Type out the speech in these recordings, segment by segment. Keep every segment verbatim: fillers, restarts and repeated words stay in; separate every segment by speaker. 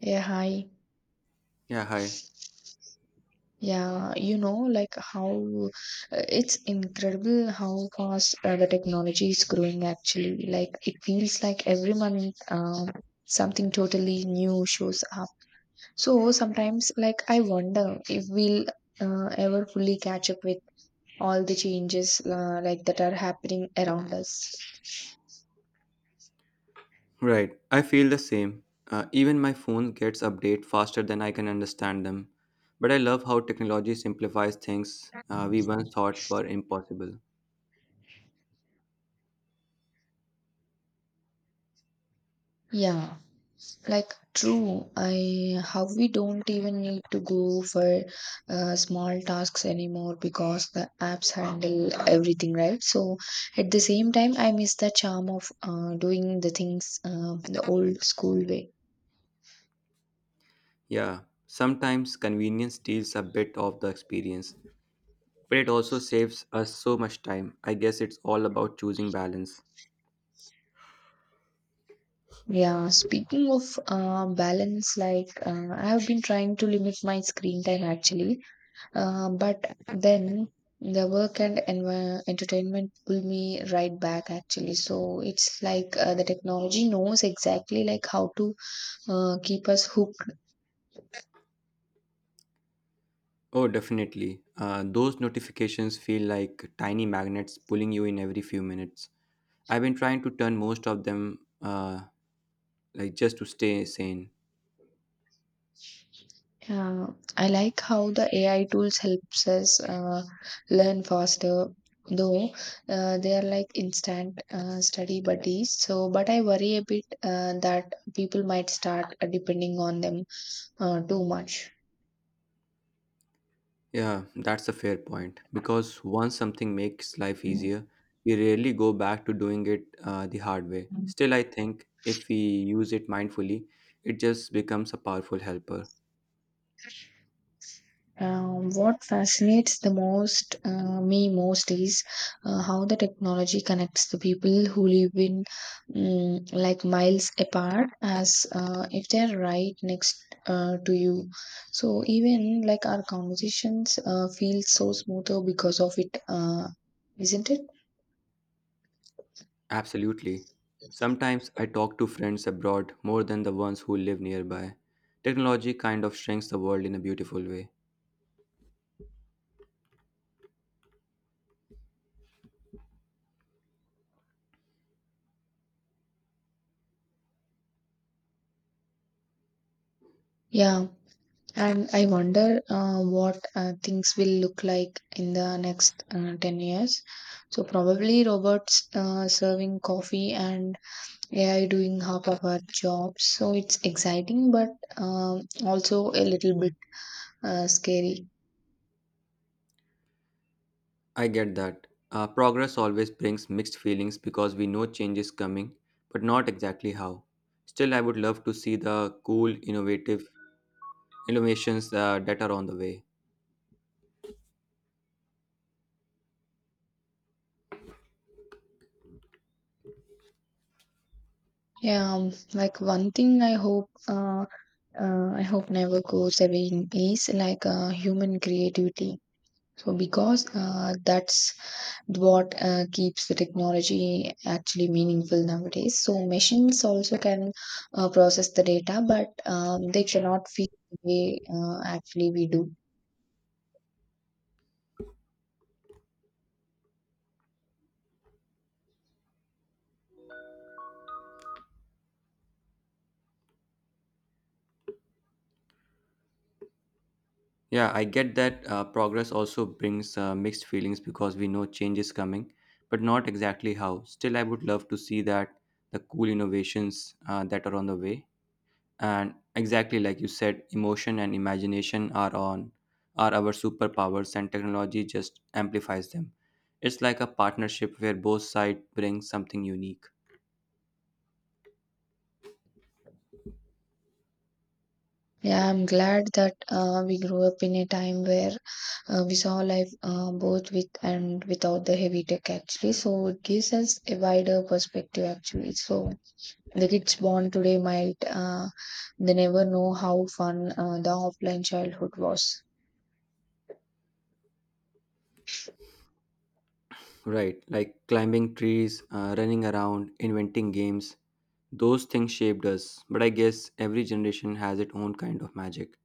Speaker 1: Yeah, hi.
Speaker 2: Yeah, hi.
Speaker 1: Yeah, you know, like how uh, It's incredible how fast, uh, the technology is growing actually. Like it feels like every month um, something totally new shows up. So sometimes, like, I wonder if we'll uh, ever fully catch up with all the changes, uh, like that are happening around us.
Speaker 2: Right. I feel the same. Uh, even my phone gets update faster than I can understand them. But I love how technology simplifies things uh, we once thought were impossible.
Speaker 1: Yeah. Like true, I how we don't even need to go for uh, small tasks anymore because the apps handle everything, right? So at the same time I miss the charm of uh, doing the things uh, the old school way.
Speaker 2: Yeah, sometimes convenience steals a bit of the experience, but it also saves us so much time. I guess it's all about choosing balance.
Speaker 1: Yeah, speaking of, uh, balance, like, uh, I have been trying to limit my screen time actually. Uh, but then the work and envi- entertainment pull me right back actually. So it's like, uh, the technology knows exactly like how to uh, keep us hooked.
Speaker 2: Oh, definitely. Uh, those notifications feel like tiny magnets pulling you in every few minutes. I've been trying to turn most of them uh, like just to stay sane.
Speaker 1: Uh, I like how the A I tools helps us uh, learn faster. Though, uh, they are like instant, uh, study buddies, so but I worry a bit uh, that people might start uh, depending on them uh, too much.
Speaker 2: Yeah, that's a fair point. Because once something makes life easier, we rarely go back to doing it uh, the hard way. Still, I think if we use it mindfully, it just becomes a powerful helper.
Speaker 1: Um, what fascinates the most, uh, me most is uh, how the technology connects the people who live in, mm, like miles apart as uh, if they're right next uh, to you. So even like our conversations uh, feel so smoother because of it, uh, isn't it?
Speaker 2: Absolutely. Sometimes I talk to friends abroad more than the ones who live nearby. Technology kind of shrinks the world in a beautiful way.
Speaker 1: Yeah, and I wonder uh, what uh, things will look like in the next, uh, ten years. So, probably robots uh, serving coffee and A I doing half of our jobs. So, it's exciting, but um, also a little bit uh, scary.
Speaker 2: I get that. Uh, progress always brings mixed feelings because we know change is coming, but not exactly how. Still, I would love to see the cool, innovative innovations uh, that are on the way.
Speaker 1: Yeah, um, like one thing I hope uh, uh, I hope never goes away in is like uh, human creativity. So because, uh, that's what uh, keeps the technology actually meaningful nowadays. So machines also can uh, process the data, but um, they cannot feel the way uh, actually we do.
Speaker 2: Yeah, I get that uh, progress also brings uh, mixed feelings because we know change is coming, but not exactly how. Still, I would love to see that the cool innovations uh, that are on the way. And exactly like you said, emotion and imagination are on are our superpowers, and technology just amplifies them. It's like a partnership where both sides bring something unique.
Speaker 1: Yeah, I'm glad that uh, we grew up in a time where uh, we saw life uh, both with and without the heavy tech actually. So it gives us a wider perspective actually. So the kids born today might, uh, they never know how fun uh, the offline childhood was.
Speaker 2: Right, like climbing trees, uh, running around, inventing games. Those things shaped us, but I guess every generation has its own kind of magic.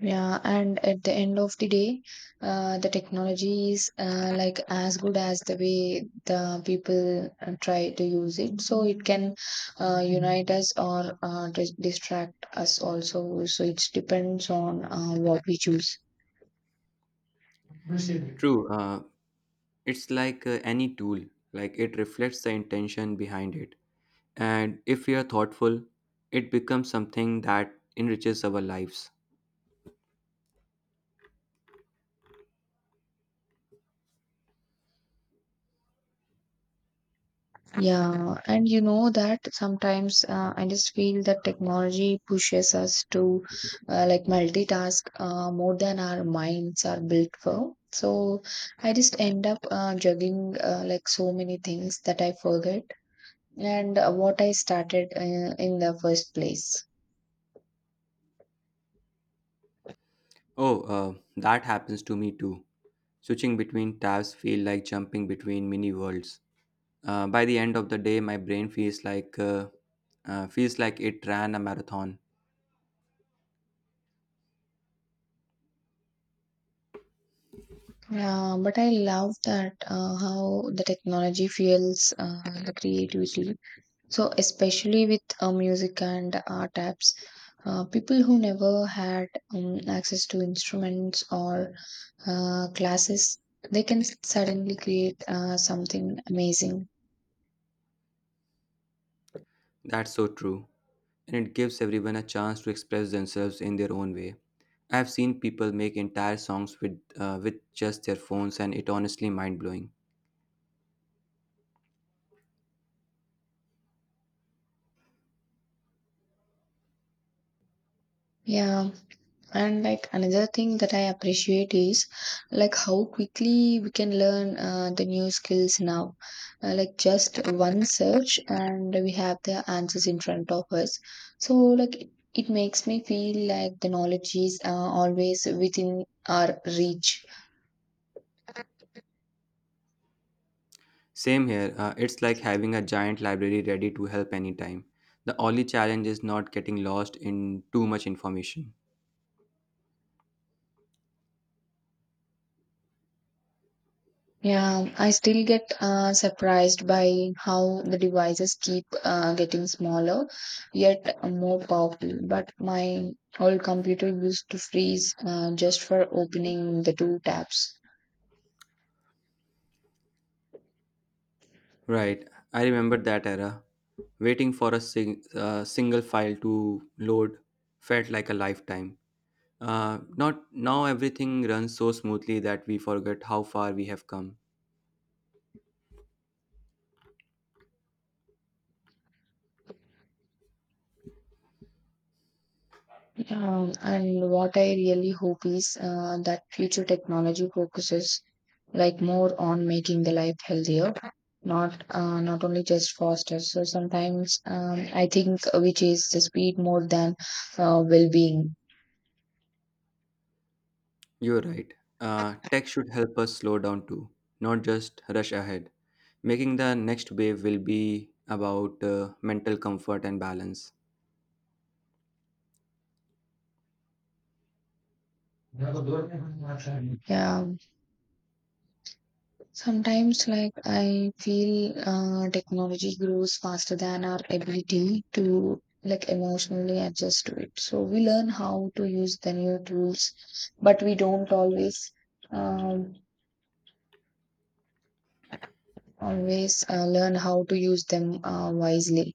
Speaker 1: Yeah, and at the end of the day, uh, the technology is uh, like as good as the way the people uh, try to use it. So it can uh, unite us or uh, dis- distract us also. So it depends on uh, what we choose.
Speaker 2: True, uh, it's like uh, any tool, like it reflects the intention behind it. And if we are thoughtful, it becomes something that enriches our lives.
Speaker 1: Yeah, and you know that sometimes, uh, I just feel that technology pushes us to uh, like multitask uh, more than our minds are built for. So I just end up uh, juggling, uh, like so many things that I forget and uh, what I started uh, in the first place.
Speaker 2: Oh, uh, that happens to me too. Switching between tabs feel like jumping between mini worlds. Uh, by the end of the day, my brain feels like uh, uh, feels like it ran a marathon.
Speaker 1: Yeah, but I love that uh, how the technology fuels uh, the creativity. So, especially with uh, music and art apps, uh, people who never had um, access to instruments or uh, classes, they can suddenly create uh, something amazing.
Speaker 2: That's so true. And it gives everyone a chance to express themselves in their own way. I've seen people make entire songs with uh, with just their phones, and it honestly mind blowing.
Speaker 1: Yeah, and like another thing that I appreciate is like how quickly we can learn uh, the new skills now. Uh, like just one search and we have the answers in front of us, so like it, it makes me feel like the knowledge is uh, always within our reach.
Speaker 2: Same here. Uh, it's like having a giant library ready to help anytime. The only challenge is not getting lost in too much information.
Speaker 1: Yeah, I still get uh, surprised by how the devices keep uh, getting smaller, yet more powerful. But my old computer used to freeze uh, just for opening the two tabs.
Speaker 2: Right. I remember that era. Waiting for a sing- uh, single file to load felt like a lifetime. Uh, Not now everything runs so smoothly that we forget how far we have come.
Speaker 1: Um, and what I really hope is uh, that future technology focuses like more on making the life healthier, not, uh, not only just faster. So sometimes um, I think we chase the speed more than uh, well-being.
Speaker 2: You're right. Uh, tech should help us slow down too, not just rush ahead. Making the next wave will be about uh, mental comfort and balance.
Speaker 1: Yeah, sometimes like I feel uh, technology grows faster than our ability to like emotionally adjust to it. So we learn how to use the new tools, but we don't always um, always uh, learn how to use them uh, wisely.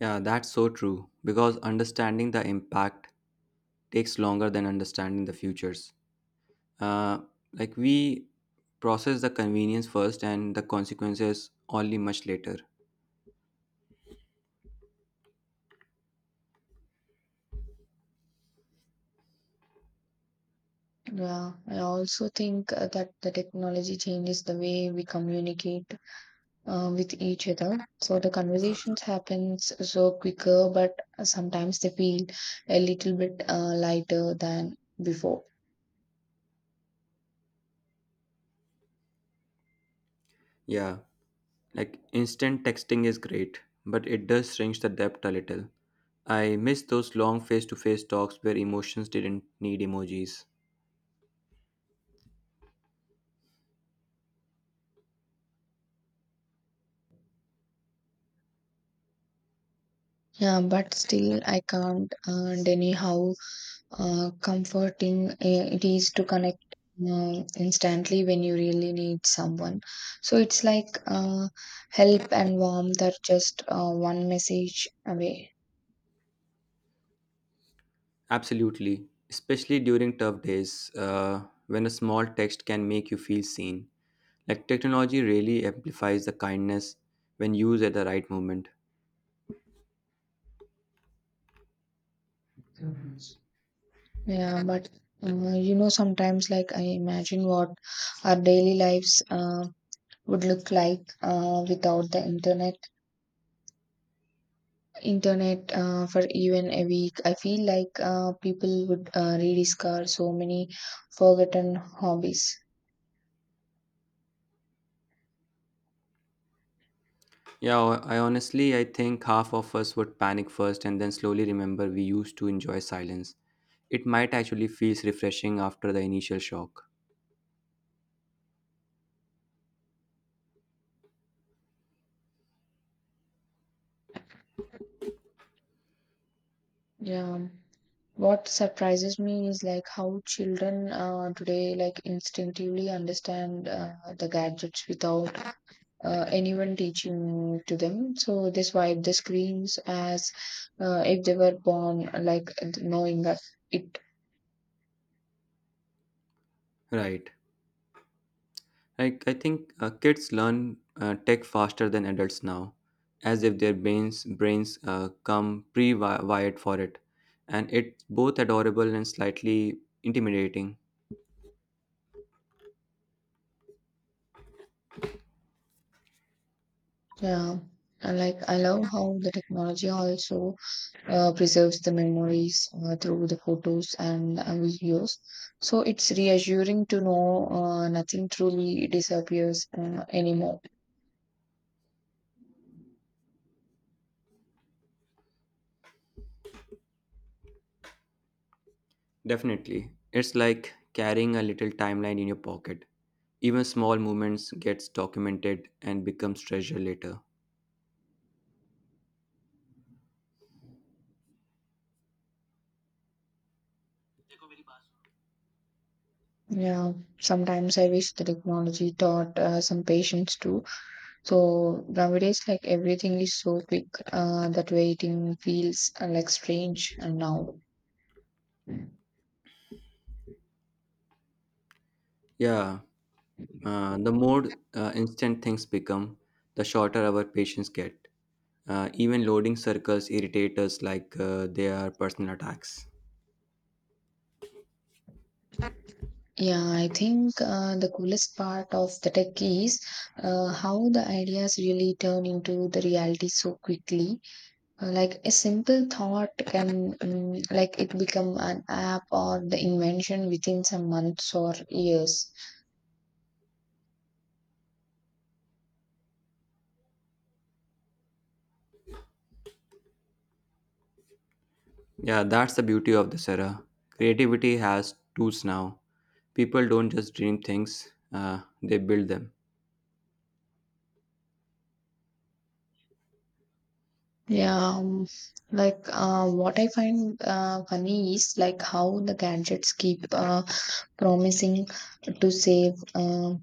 Speaker 2: Yeah, that's so true because understanding the impact takes longer than understanding the futures. Uh, like we process the convenience first and the consequences only much later.
Speaker 1: Yeah, I also think uh, that the technology changes the way we communicate uh, with each other. So the conversations happens so quicker, but sometimes they feel a little bit uh, lighter than before.
Speaker 2: Yeah, like instant texting is great, but it does shrink the depth a little. I miss those long face to face talks where emotions didn't need emojis.
Speaker 1: Yeah, but still, I can't uh, deny how uh, comforting uh, it is to connect um, instantly when you really need someone. So it's like, uh, help and warmth are just uh, one message away.
Speaker 2: Absolutely, especially during tough days uh, when a small text can make you feel seen. Like technology really amplifies the kindness when used at the right moment.
Speaker 1: Yeah, but uh, you know, sometimes like I imagine what our daily lives uh, would look like uh, without the internet. Internet uh, for even a week. I feel like uh, people would uh, rediscover so many forgotten hobbies.
Speaker 2: Yeah, I honestly I think half of us would panic first and then slowly remember we used to enjoy silence. It might actually feels refreshing after the initial shock.
Speaker 1: Yeah. What surprises me is like how children uh, today like instinctively understand uh, the gadgets without uh, anyone teaching to them. So they swipe the screens as uh, if they were born, like knowing that it.
Speaker 2: Right. Like I think uh, kids learn uh, tech faster than adults now, as if their brains brains uh, come pre-wired for it, and it's both adorable and slightly intimidating.
Speaker 1: Yeah. And like I love how the technology also uh, preserves the memories uh, through the photos and uh, videos. So it's reassuring to know uh, nothing truly disappears uh, anymore.
Speaker 2: Definitely, it's like carrying a little timeline in your pocket. Even small movements gets documented and becomes treasure later.
Speaker 1: Yeah, sometimes I wish the technology taught uh, some patience too. So nowadays, like everything is so quick uh, that waiting feels uh, like strange and now.
Speaker 2: Yeah, uh, the more uh, instant things become, the shorter our patience get. Uh, even loading circles irritate us like uh, they are personal attacks.
Speaker 1: Yeah, I think uh, the coolest part of the tech is uh, how the ideas really turn into the reality so quickly. Uh, like a simple thought can, mm like it become an app or the invention within some months or years.
Speaker 2: Yeah, that's the beauty of this era. Creativity has tools now. People don't just dream things, uh, they build them.
Speaker 1: Yeah, um, like, uh, what I find uh, funny is like how the gadgets keep uh, promising to save, uh,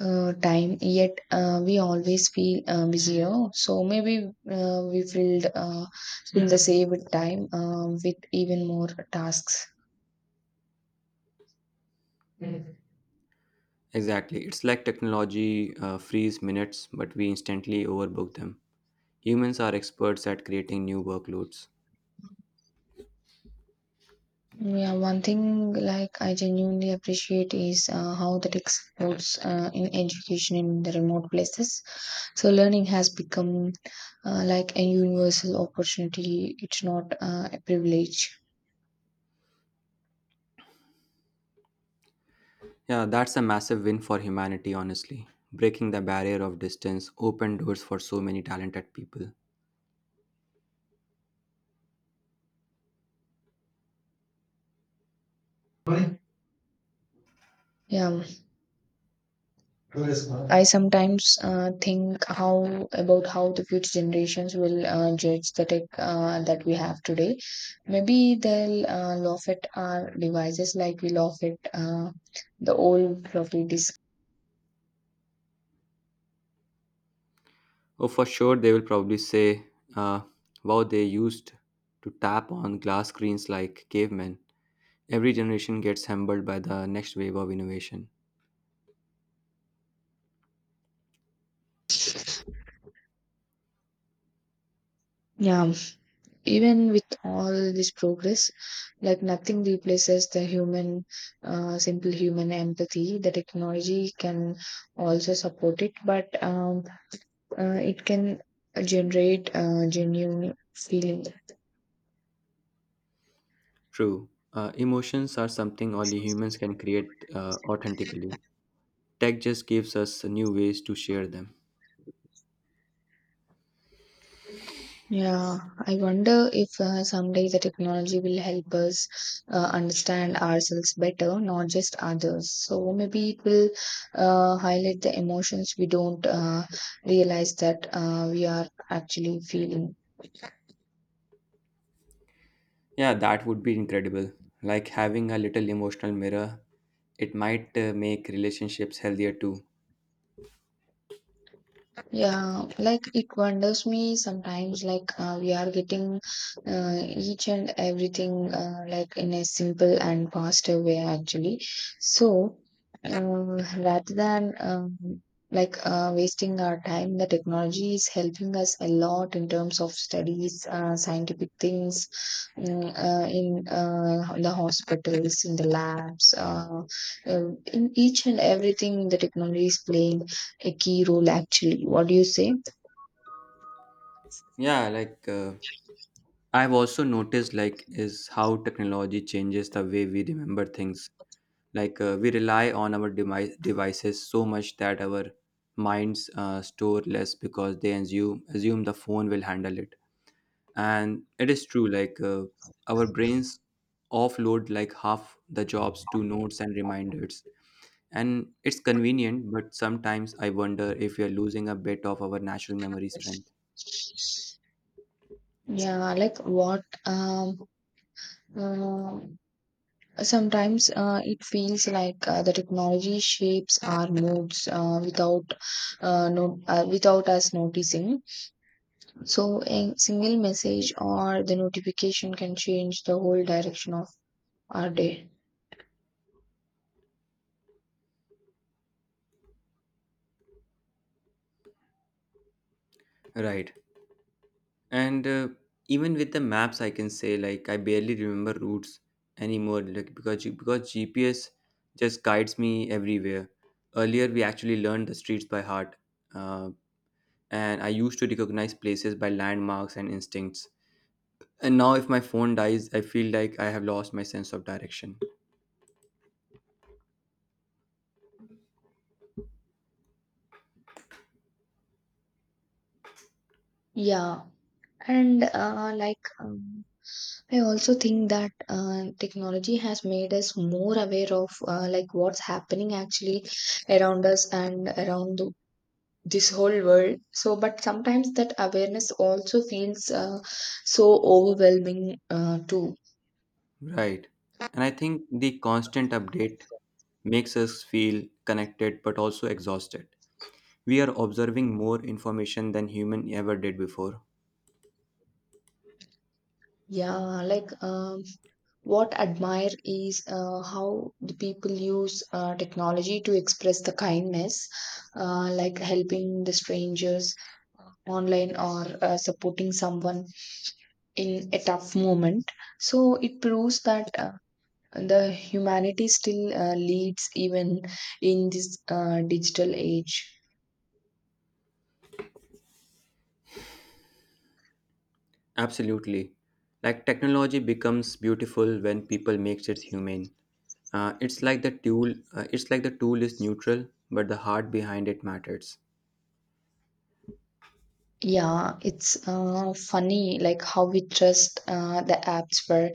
Speaker 1: uh, time, yet uh, we always feel uh, busier. So maybe uh, we filled, uh, in the saved time uh, with even more tasks.
Speaker 2: Exactly. It's like technology uh, frees minutes, but we instantly overbook them. Humans are experts at creating new workloads.
Speaker 1: Yeah, one thing like I genuinely appreciate is uh, how the tech supports uh, in education in the remote places. So learning has become uh, like a universal opportunity. It's not uh, a privilege.
Speaker 2: Yeah, that's a massive win for humanity, honestly. Breaking the barrier of distance opened doors for so many talented people.
Speaker 1: Yeah. I sometimes uh, think how about how the future generations will uh, judge the tech uh, that we have today. Maybe they'll uh, laugh at our devices like we laugh at uh, the old floppy disk.
Speaker 2: Oh, for sure, they will probably say, uh, wow, they used to tap on glass screens like cavemen. Every generation gets humbled by the next wave of innovation.
Speaker 1: Yeah, even with all this progress, like nothing replaces the human, uh, simple human empathy. The technology can also support it, but um, uh, it can generate uh, genuine feeling.
Speaker 2: True, uh, emotions are something only humans can create uh, authentically. Tech just gives us new ways to share them.
Speaker 1: Yeah, I wonder if uh, someday the technology will help us uh, understand ourselves better, not just others. So maybe it will uh, highlight the emotions we don't uh, realize that uh, we are actually feeling.
Speaker 2: Yeah, that would be incredible. Like having a little emotional mirror, it might uh, make relationships healthier too.
Speaker 1: Yeah, like it wonders me sometimes, like, uh, we are getting uh, each and everything, uh, like in a simple and faster way actually. So um, rather than um, like, uh, wasting our time, the technology is helping us a lot in terms of studies, uh, scientific things, mm, uh, in uh, the hospitals, in the labs, uh, uh, in each and everything the technology is playing a key role actually. What do you say?
Speaker 2: Yeah, like uh, I've also noticed like is how technology changes the way we remember things like uh, we rely on our device, devices so much that our minds uh, store less because they assume assume the phone will handle it, and it is true like uh, our brains offload like half the jobs to notes and reminders, and it's convenient but sometimes I wonder if we are losing a bit of our natural memory strength.
Speaker 1: Yeah, like what um uh, sometimes uh, it feels like uh, the technology shapes our moods uh, without, uh, no, uh, without us noticing. So a single message or the notification can change the whole direction of our day.
Speaker 2: Right. And uh, even with the maps, I can say like I barely remember routes anymore, like because G- because G P S just guides me everywhere. Earlier, we actually learned the streets by heart, uh, and I used to recognize places by landmarks and instincts. And now, if my phone dies, I feel like I have lost my sense of direction.
Speaker 1: Yeah, and uh, like um, I also think that uh, technology has made us more aware of uh, like what's happening actually around us and around the, this whole world. So, but sometimes that awareness also feels uh, so overwhelming uh, too.
Speaker 2: Right. And I think the constant update makes us feel connected but also exhausted. We are observing more information than human ever did before.
Speaker 1: Yeah, like um, what admire is uh, how the people use uh, technology to express the kindness, uh, like helping the strangers online or uh, supporting someone in a tough moment. So it proves that uh, the humanity still uh, leads even in this uh, digital age.
Speaker 2: Absolutely. Like technology becomes beautiful when people makes it humane. Uh, it's like the tool. Uh, it's like the tool is neutral, but the heart behind it matters.
Speaker 1: Yeah, it's uh, funny like how we trust uh, the apps for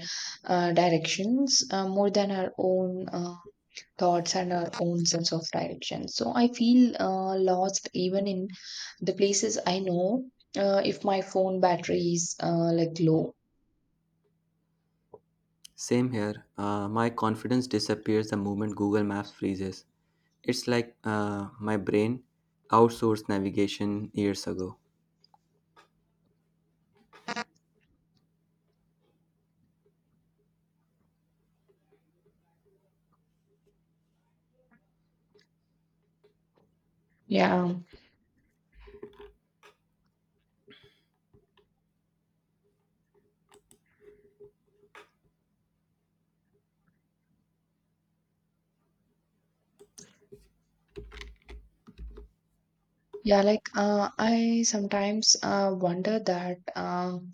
Speaker 1: uh, directions uh, more than our own uh, thoughts and our own sense of direction. So I feel uh, lost even in the places I know uh, if my phone battery is uh, like low.
Speaker 2: Same here. Uh, my confidence disappears the moment Google Maps freezes. It's like uh, my brain outsourced navigation years ago.
Speaker 1: Yeah. Yeah, like, uh, I sometimes uh, wonder that um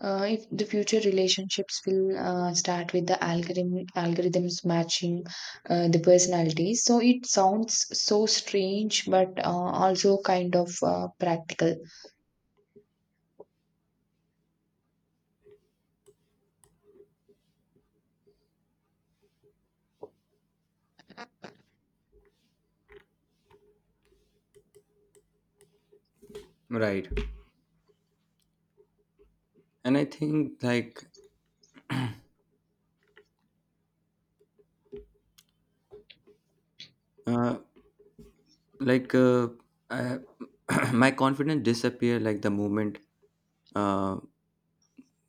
Speaker 1: uh, if the future relationships will uh, start with the algorithm algorithms matching uh, the personalities. So it sounds so strange, but uh, also kind of uh, practical.
Speaker 2: Right. And I think like uh, like uh, I, my confidence disappear like the moment uh,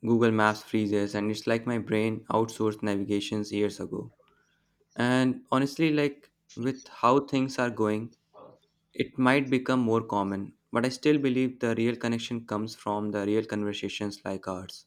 Speaker 2: Google Maps freezes, and it's like my brain outsourced navigations years ago. And honestly, like with how things are going, it might become more common, but I still believe the real connection comes from the real conversations like ours.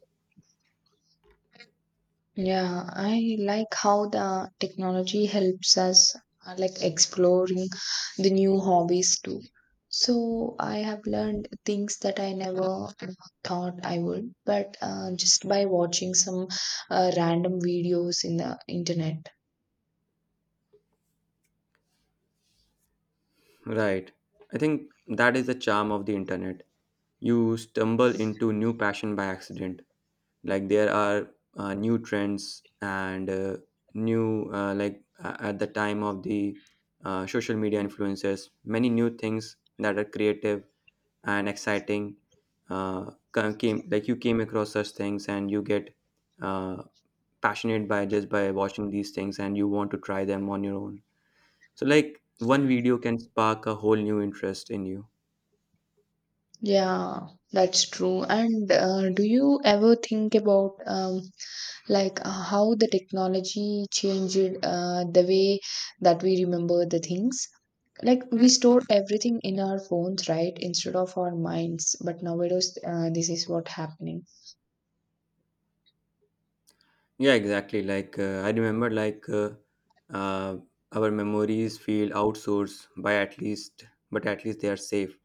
Speaker 1: Yeah, I like how the technology helps us uh, like exploring the new hobbies too. So I have learned things that I never uh, thought I would, but uh, just by watching some uh, random videos in the internet.
Speaker 2: Right. I think that is the charm of the internet. You stumble into new passion by accident. Like there are uh, new trends and uh, new uh, like uh, at the time of the uh, social media influencers, many new things that are creative and exciting uh, ca- came like you came across such things and you get uh, passionate by just by watching these things and you want to try them on your own, so like one video can spark a whole new interest in you.
Speaker 1: Yeah, that's true. And uh, do you ever think about um, like, uh, how the technology changed uh, the way that we remember the things? Like we store everything in our phones, right, instead of our minds? But nowadays uh, this is what happening.
Speaker 2: Yeah, exactly. Like uh, I remember, like uh, uh, our memories feel outsourced by at least, but at least they are safe.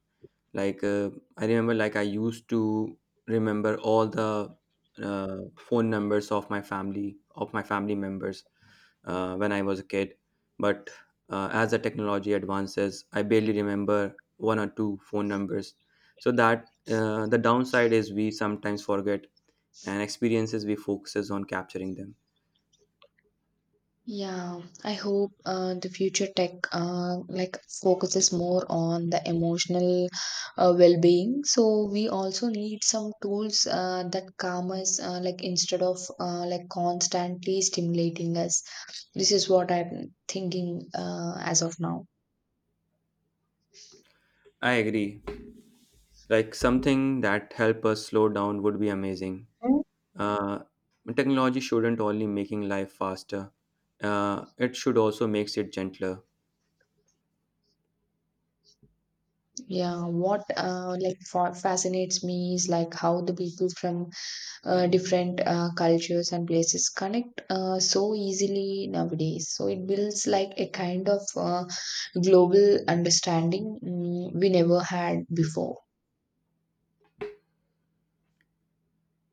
Speaker 2: Like uh, I remember, like I used to remember all the uh, phone numbers of my family, of my family members, uh, when I was a kid. But uh, as the technology advances, I barely remember one or two phone numbers. So that uh, the downside is we sometimes forget, and experiences we focuses on capturing them.
Speaker 1: Yeah, I hope uh, the future tech uh, like focuses more on the emotional uh, well-being. So we also need some tools uh, that calm us uh, like instead of uh, like constantly stimulating us. This is what I'm thinking uh, as of now.
Speaker 2: I agree. Like something that help us slow down would be amazing. Uh, Technology shouldn't only making life faster. Uh, it should also makes it gentler.
Speaker 1: Yeah, what uh, like fa- fascinates me is like how the people from uh, different uh, cultures and places connect uh, so easily nowadays. So it builds like a kind of uh, global understanding, mm, we never had before.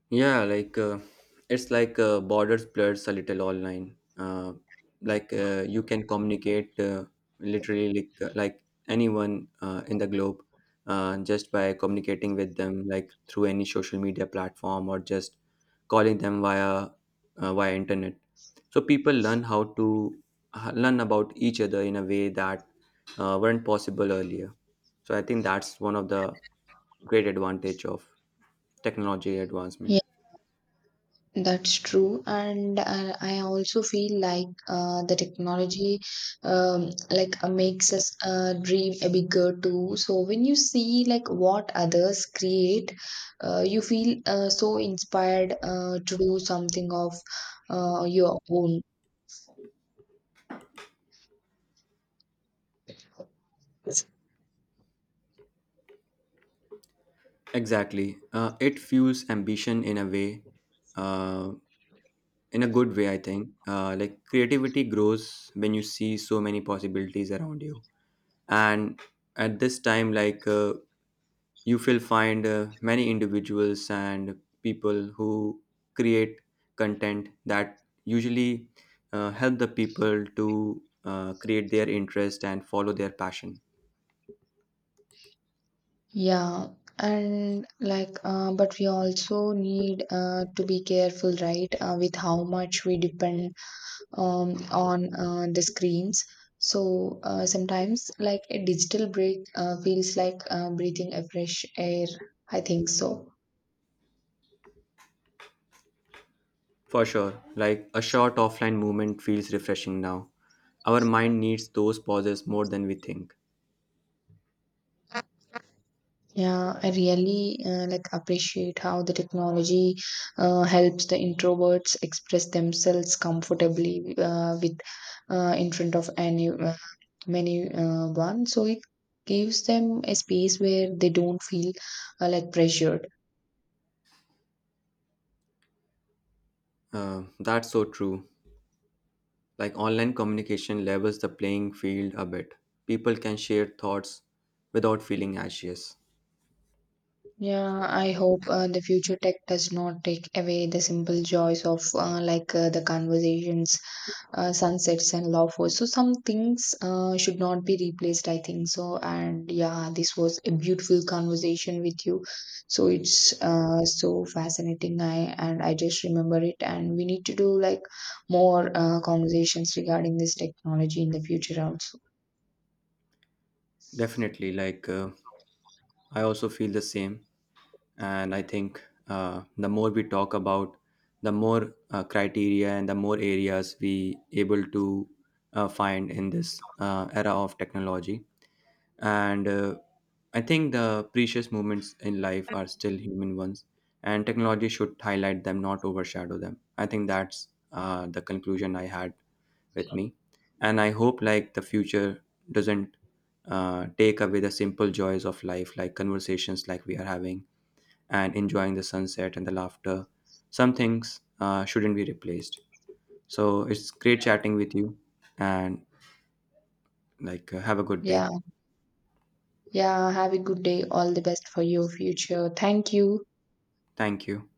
Speaker 2: Yeah, like uh, it's like uh, borders blurs a little online. Uh, like uh, you can communicate uh, literally like uh, like anyone uh, in the globe, uh, just by communicating with them like through any social media platform or just calling them via uh, via internet. So people learn how to h- learn about each other in a way that uh, weren't possible earlier, so I think that's one of the great advantage of technology
Speaker 1: Yeah,
Speaker 2: advancement.
Speaker 1: that's true. And uh, I also feel like uh, the technology um, like uh, makes us uh, dream a bigger too. So when you see like what others create, uh, you feel uh, so inspired uh, to do something of uh, your own.
Speaker 2: Exactly, uh, it fuels ambition in a way, uh, in a good way, I think. Uh, like creativity grows when you see so many possibilities around you, and at this time like uh, you will find uh, many individuals and people who create content that usually uh, help the people to uh, create their interest and follow their passion.
Speaker 1: Yeah, and like, uh, but we also need uh, to be careful, right, uh, with how much we depend um, on uh, the screens. So uh, sometimes, like, a digital break uh, feels like uh, breathing a fresh air. I think so.
Speaker 2: For sure, like a short offline movement feels refreshing now. Our mind needs those pauses more than we think.
Speaker 1: Yeah, I really uh, like appreciate how the technology uh, helps the introverts express themselves comfortably uh, with uh, in front of any uh, many uh, one. So it gives them a space where they don't feel uh, like pressured.
Speaker 2: Uh, that's so true. Like online communication levels the playing field a bit. People can share thoughts without feeling anxious.
Speaker 1: Yeah, I hope uh, the future tech does not take away the simple joys of uh, like uh, the conversations, uh, sunsets and lawful. So some things uh, should not be replaced, I think so. And yeah, this was a beautiful conversation with you. So it's uh, so fascinating. I and I just remember it, and we need to do like more uh, conversations regarding this technology in the future also.
Speaker 2: Definitely, like uh, I also feel the same, and I think uh, the more we talk about, the more uh, criteria and the more areas we able to uh, find in this uh, era of technology. And uh, I think the precious moments in life are still human ones, and technology should highlight them, not overshadow them. I think that's uh, the conclusion I had with me. And I hope like the future doesn't uh, take away the simple joys of life, like conversations like we are having and enjoying the sunset and the laughter. Some things uh, shouldn't be replaced. So it's great chatting with you, and like uh, have a good
Speaker 1: Yeah,
Speaker 2: day.
Speaker 1: yeah. Have a good day. All the best for your future. Thank you.
Speaker 2: Thank you.